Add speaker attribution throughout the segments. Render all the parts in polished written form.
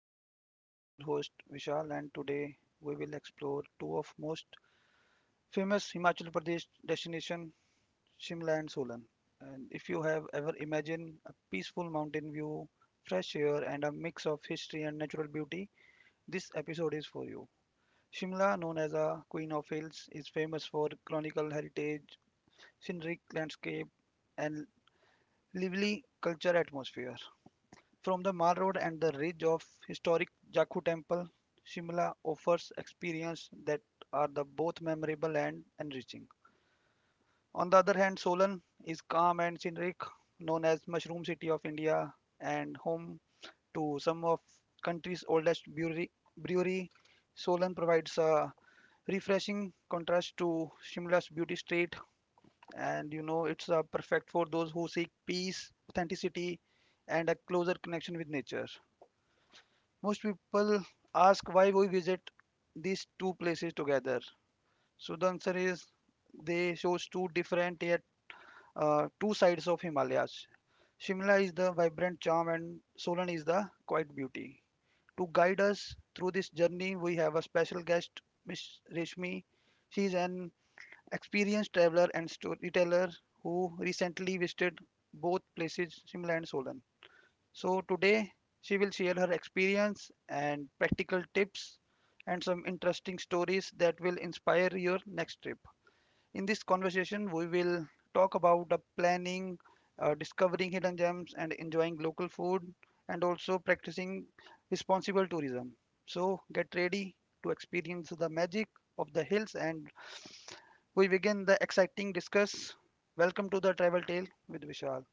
Speaker 1: episode. I am your host Vishal and today we will explore two of most famous Himachal Pradesh destination Shimla and Solan. And if you have ever imagined a peaceful mountain view, fresh air and a mix of history and natural beauty, this episode is for you. Shimla, known as a Queen of Hills, is famous for chronicle heritage, scenic landscape and lively culture atmosphere. From the Mall Road and the ridge of historic Jakhu Temple, Shimla offers experiences that are the both memorable and enriching. On the other hand, Solan is calm and scenic, known as Mushroom City of India and home to some of country's oldest brewery. brewery. Solan provides a refreshing contrast to Shimla's beauty state and it's perfect for those who seek peace, authenticity and a closer connection with nature. Most people ask why we visit these two places together. So the answer is they shows two different yet two sides of Himalayas. Shimla is the vibrant charm and Solan is the quiet beauty. To guide us through this journey, we have a special guest, Miss Reshmi. She is an experienced traveler and storyteller who recently visited both places, Shimla and Solan. So today she will share her experience and practical tips and some interesting stories that will inspire your next trip. In this conversation, we will talk about the planning, discovering hidden gems, and enjoying local food, and also practicing responsible tourism. So get ready to experience the magic of the hills, and we begin the exciting discuss. Welcome to the Travel Tale with Vishal.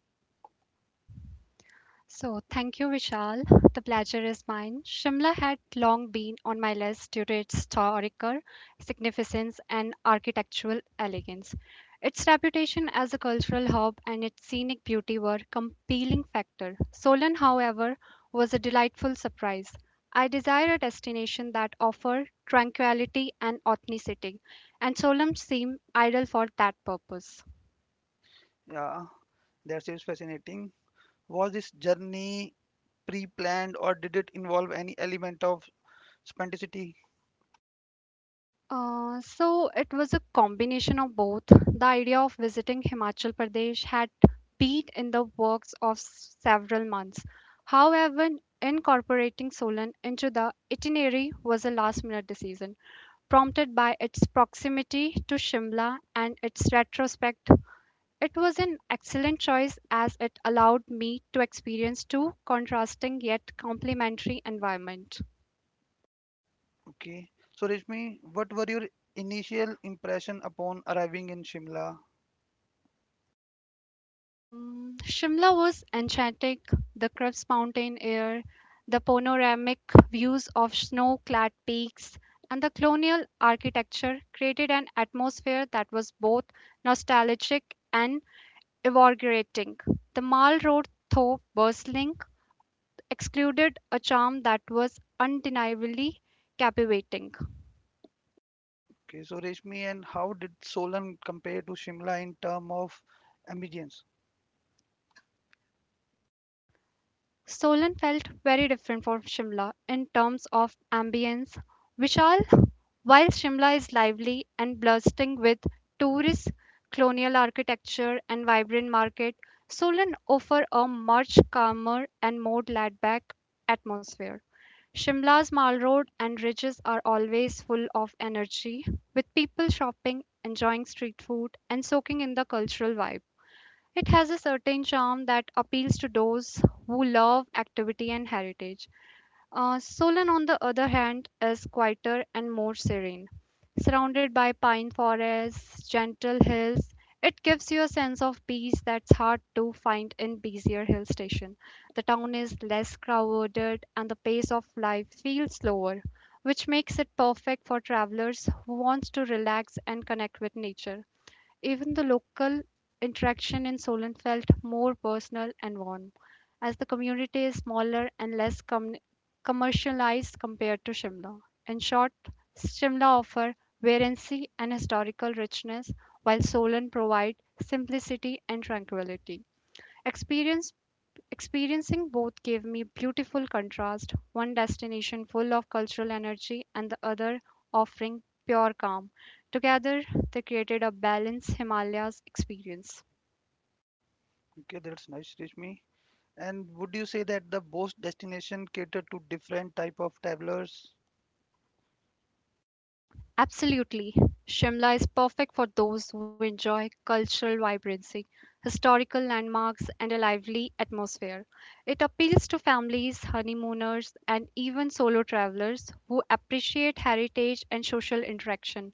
Speaker 2: So, thank you, Vishal. The pleasure is mine. Shimla had long been on my list due to its historical significance and architectural elegance. Its reputation as a cultural hub and its scenic beauty were compelling factors. Solan, however, was a delightful surprise. I desire a destination that offers tranquility and authenticity, and Solan seemed ideal for that purpose.
Speaker 1: Yeah, that seems fascinating. Was this journey pre-planned or did it involve any element of spontaneity?
Speaker 2: So it was a combination of both. The idea of visiting Himachal Pradesh had been in the works of several months. However, incorporating Solan into the itinerary was a last-minute decision, prompted by its proximity to Shimla and its retrospect. It was an excellent choice as it allowed me to experience two contrasting yet complementary environments.
Speaker 1: Okay. So Reshmi, what were your initial impression upon arriving in Shimla?
Speaker 2: Shimla was enchanting, the crisp mountain air, the panoramic views of snow clad peaks, and the colonial architecture created an atmosphere that was both nostalgic and invigorating. The Mall Road, though bustling, excluded a charm that was undeniably captivating.
Speaker 1: Okay. So Reshmi, and how did Solan compare to Shimla in term of ambience?
Speaker 2: Solan felt very different from Shimla in terms of ambience. Vishal, while Shimla is lively and bursting with tourist colonial architecture and vibrant market, Solan offer a much calmer and more laid-back atmosphere. Shimla's Mall Road and ridges are always full of energy, with people shopping, enjoying street food, and soaking in the cultural vibe. It has a certain charm that appeals to those who love activity and heritage. Solon, on the other hand, is quieter and more serene. Surrounded by pine forests, gentle hills, it gives you a sense of peace that's hard to find in busier hill station. The town is less crowded and the pace of life feels slower, which makes it perfect for travelers who wants to relax and connect with nature. Even the local interaction in Solon felt more personal and warm, as the community is smaller and commercialized compared to Shimla. In short, Shimla offers variancy and historical richness, while Solon provides simplicity and tranquility. Experience Experiencing both gave me beautiful contrast, one destination full of cultural energy and the other offering pure calm. Together, they created a balanced Himalayas experience.
Speaker 1: Okay, that's nice, Reshmi. And would you say that the both destination cater to different type of travelers?
Speaker 2: Absolutely. Shimla is perfect for those who enjoy cultural vibrancy, historical landmarks, and a lively atmosphere. It appeals to families, honeymooners, and even solo travelers who appreciate heritage and social interaction.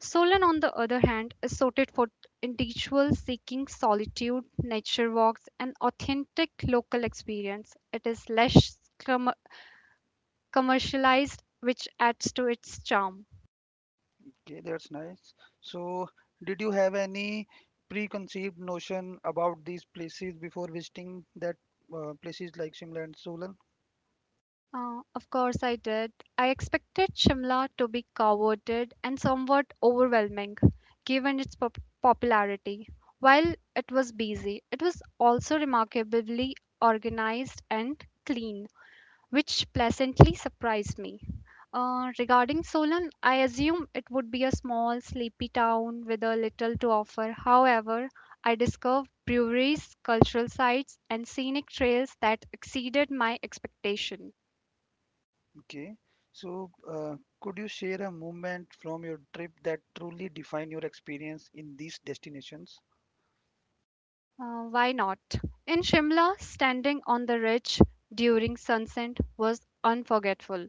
Speaker 2: Solan, on the other hand, is suited for individuals seeking solitude, nature walks, and authentic local experience. It is commercialized, which adds to its charm.
Speaker 1: Okay, that's nice. So, did you have any preconceived notion about these places before visiting that places like Shimla and Solan?
Speaker 2: Of course, I did. I expected Shimla to be crowded and somewhat overwhelming, given its popularity. While it was busy, it was also remarkably organized and clean, which pleasantly surprised me. Regarding Solon, I assume it would be a small, sleepy town with a little to offer. However, I discovered breweries, cultural sites, and scenic trails that exceeded my expectation.
Speaker 1: Okay. So, could you share a moment from your trip that truly defined your experience in these destinations?
Speaker 2: Why not? In Shimla, standing on the ridge during sunset was unforgettable.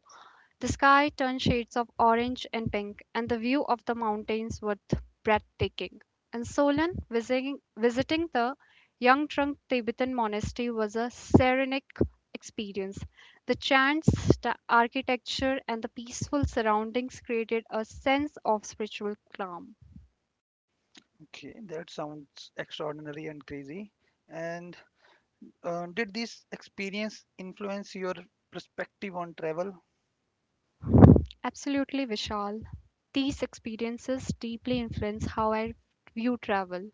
Speaker 2: The sky turned shades of orange and pink, and the view of the mountains was breathtaking. And Solon visiting the young trunk Tibetan monastery was a serenic experience. The chants, the architecture, and the peaceful surroundings created a sense of spiritual calm.
Speaker 1: Okay, that sounds extraordinary and crazy. And did this experience influence your perspective on travel?
Speaker 2: Absolutely, Vishal. These experiences deeply influence how I view travel.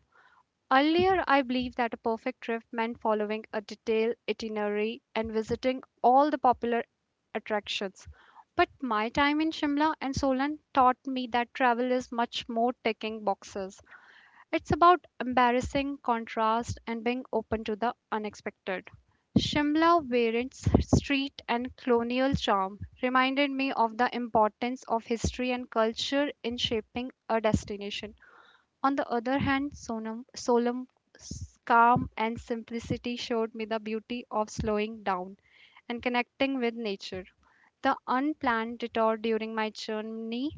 Speaker 2: Earlier, I believed that a perfect trip meant following a detailed itinerary and visiting all the popular attractions. But my time in Shimla and Solan taught me that travel is much more ticking boxes. It's about embarrassing contrast and being open to the unexpected. Shimla Variant's street and colonial charm reminded me of the importance of history and culture in shaping a destination. On the other hand, Solam, calm and simplicity showed me the beauty of slowing down and connecting with nature. The unplanned detour during my journey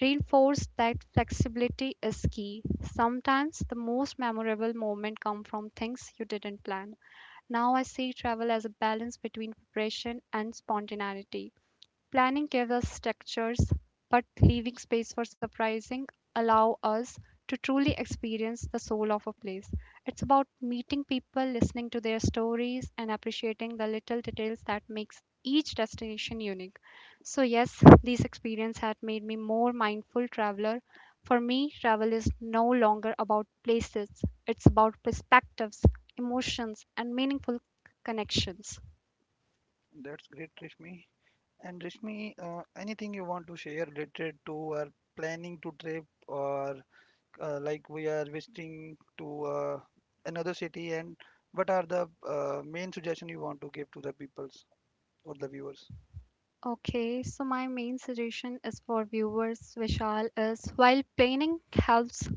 Speaker 2: reinforced that flexibility is key. Sometimes the most memorable moments come from things you didn't plan. Now I see travel as a balance between preparation and spontaneity. Planning gives us structures, but leaving space for surprising allow us to truly experience the soul of a place. It's about meeting people, listening to their stories, and appreciating the little details that makes each destination unique. So yes, these experiences had made me more mindful traveler. For me, travel is no longer about places. It's about perspectives, emotions, and meaningful connections.
Speaker 1: That's great, Rishmi. And Rishmi, anything you want to share related to our planning to trip or like we are visiting to another city and what are the main suggestion you want to give to the peoples or the viewers?
Speaker 2: Okay, so my main suggestion is for viewers, Vishal, is while planning helps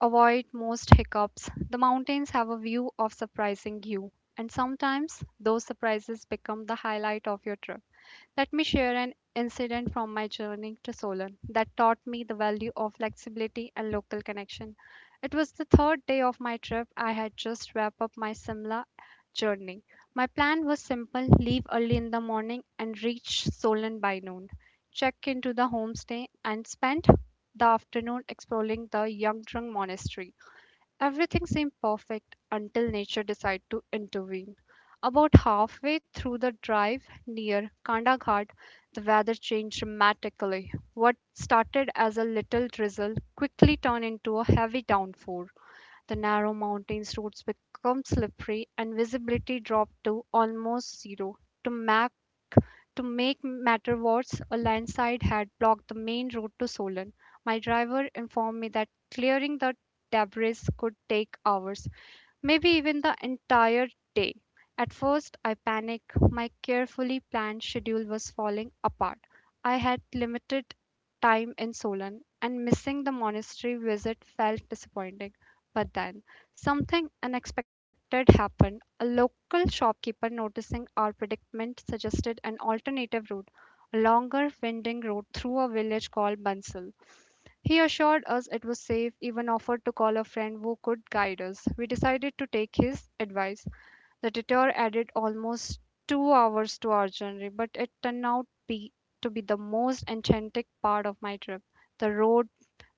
Speaker 2: avoid most hiccups, the mountains have a view of surprising you, and sometimes those surprises become the highlight of your trip. Let me share an incident from my journey to Solon that taught me the value of flexibility and local connection. It was the third day of my trip. I had just wrapped up my Simla journey. My plan was simple leave early in the morning and reach Solon by noon, check into the homestay, and spend the afternoon exploring the Yangdrung Monastery. Everything seemed perfect until nature decided to intervene. About halfway through the drive near Kanda Ghat, the weather changed dramatically. What started as a little drizzle quickly turned into a heavy downpour. The narrow mountains roads became slippery and visibility dropped to almost zero. To make to make matter worse, a landslide had blocked the main road to Solon. My driver informed me that clearing the debris could take hours, maybe even the entire day. At first, I panicked. My carefully planned schedule was falling apart. I had limited time in Solon, and missing the monastery visit felt disappointing. But then, something unexpected happened. A local shopkeeper, noticing our predicament, suggested an alternative route, a longer winding road through a village called Bansal. He assured us it was safe, even offered to call a friend who could guide us. We decided to take his advice. The detour added almost 2 hours to our journey, but it to be the most enchanting part of my trip. The road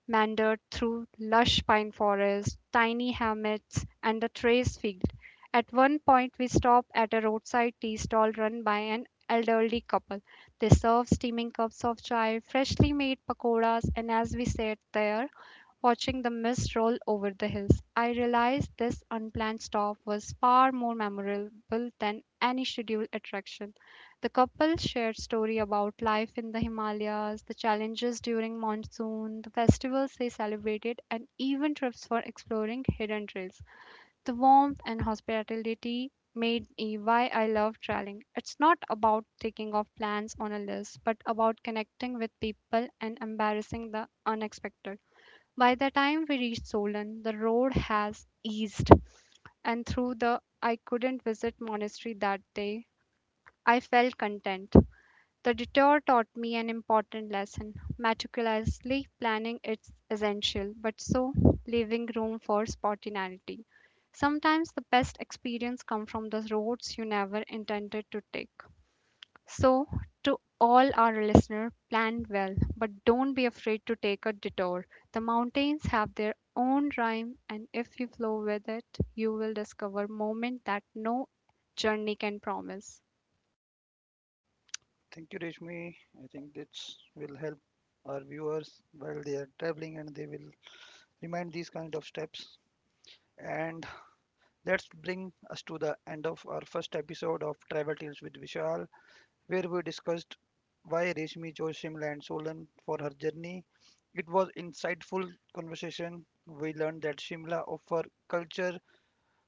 Speaker 2: meandered through lush pine forests, tiny hamlets, and a trace field. At one point, we stopped at a roadside tea stall run by an elderly couple. They served steaming cups of chai, freshly made pakoras, and as we sat there, watching the mist roll over the hills. I realized this unplanned stop was far more memorable than any scheduled attraction. The couple shared stories about life in the Himalayas, the challenges during monsoon, the festivals they celebrated, and even trips for exploring hidden trails. The warmth and hospitality made me why I love traveling. It's not about taking off plans on a list, but about connecting with people and embracing the unexpected. By the time we reached Solon, the road has eased, and through the I couldn't visit monastery that day, I felt content. The detour taught me an important lesson. Meticulously planning is essential, but so leaving room for spontaneity. Sometimes the best experience come from the roads you never intended to take. So, to all our listener, plan well, but don't be afraid to take a detour. The mountains have their own rhyme, and if you flow with it, you will discover moments that no journey can promise.
Speaker 1: Thank you, Rishmi. I think this will help our viewers while they are traveling and they will remind these kind of steps. And that's bring us to the end of our first episode of Travel Tales with Vishal, where we discussed why Reshmi chose Shimla and Solan for her journey. It was insightful conversation. We learned that Shimla offers culture,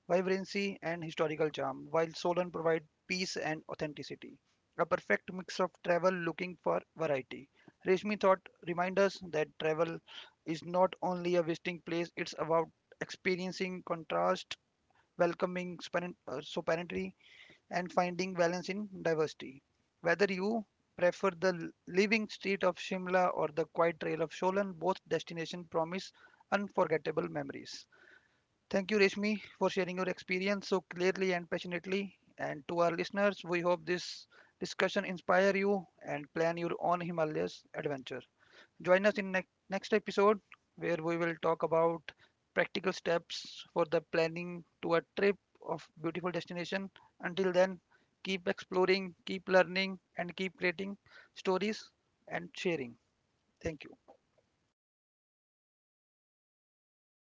Speaker 1: vibrancy and historical charm, while Solan provides peace and authenticity. A perfect mix of travel looking for variety. Reshmi thought remind us that travel is not only a visiting place, it's about experiencing contrast, welcoming sovereignty, and finding balance in diversity. Whether you prefer the living street of Shimla or the quiet trail of Sholan, both destinations promise unforgettable memories. Thank you, Reshmi, for sharing your experience so clearly and passionately. And to our listeners, we hope this discussion inspires you and plan your own Himalayas adventure. Join us in next episode where we will talk about practical steps for the planning to a trip of beautiful destination. Until then, keep exploring, keep learning and keep creating stories and sharing. Thank you.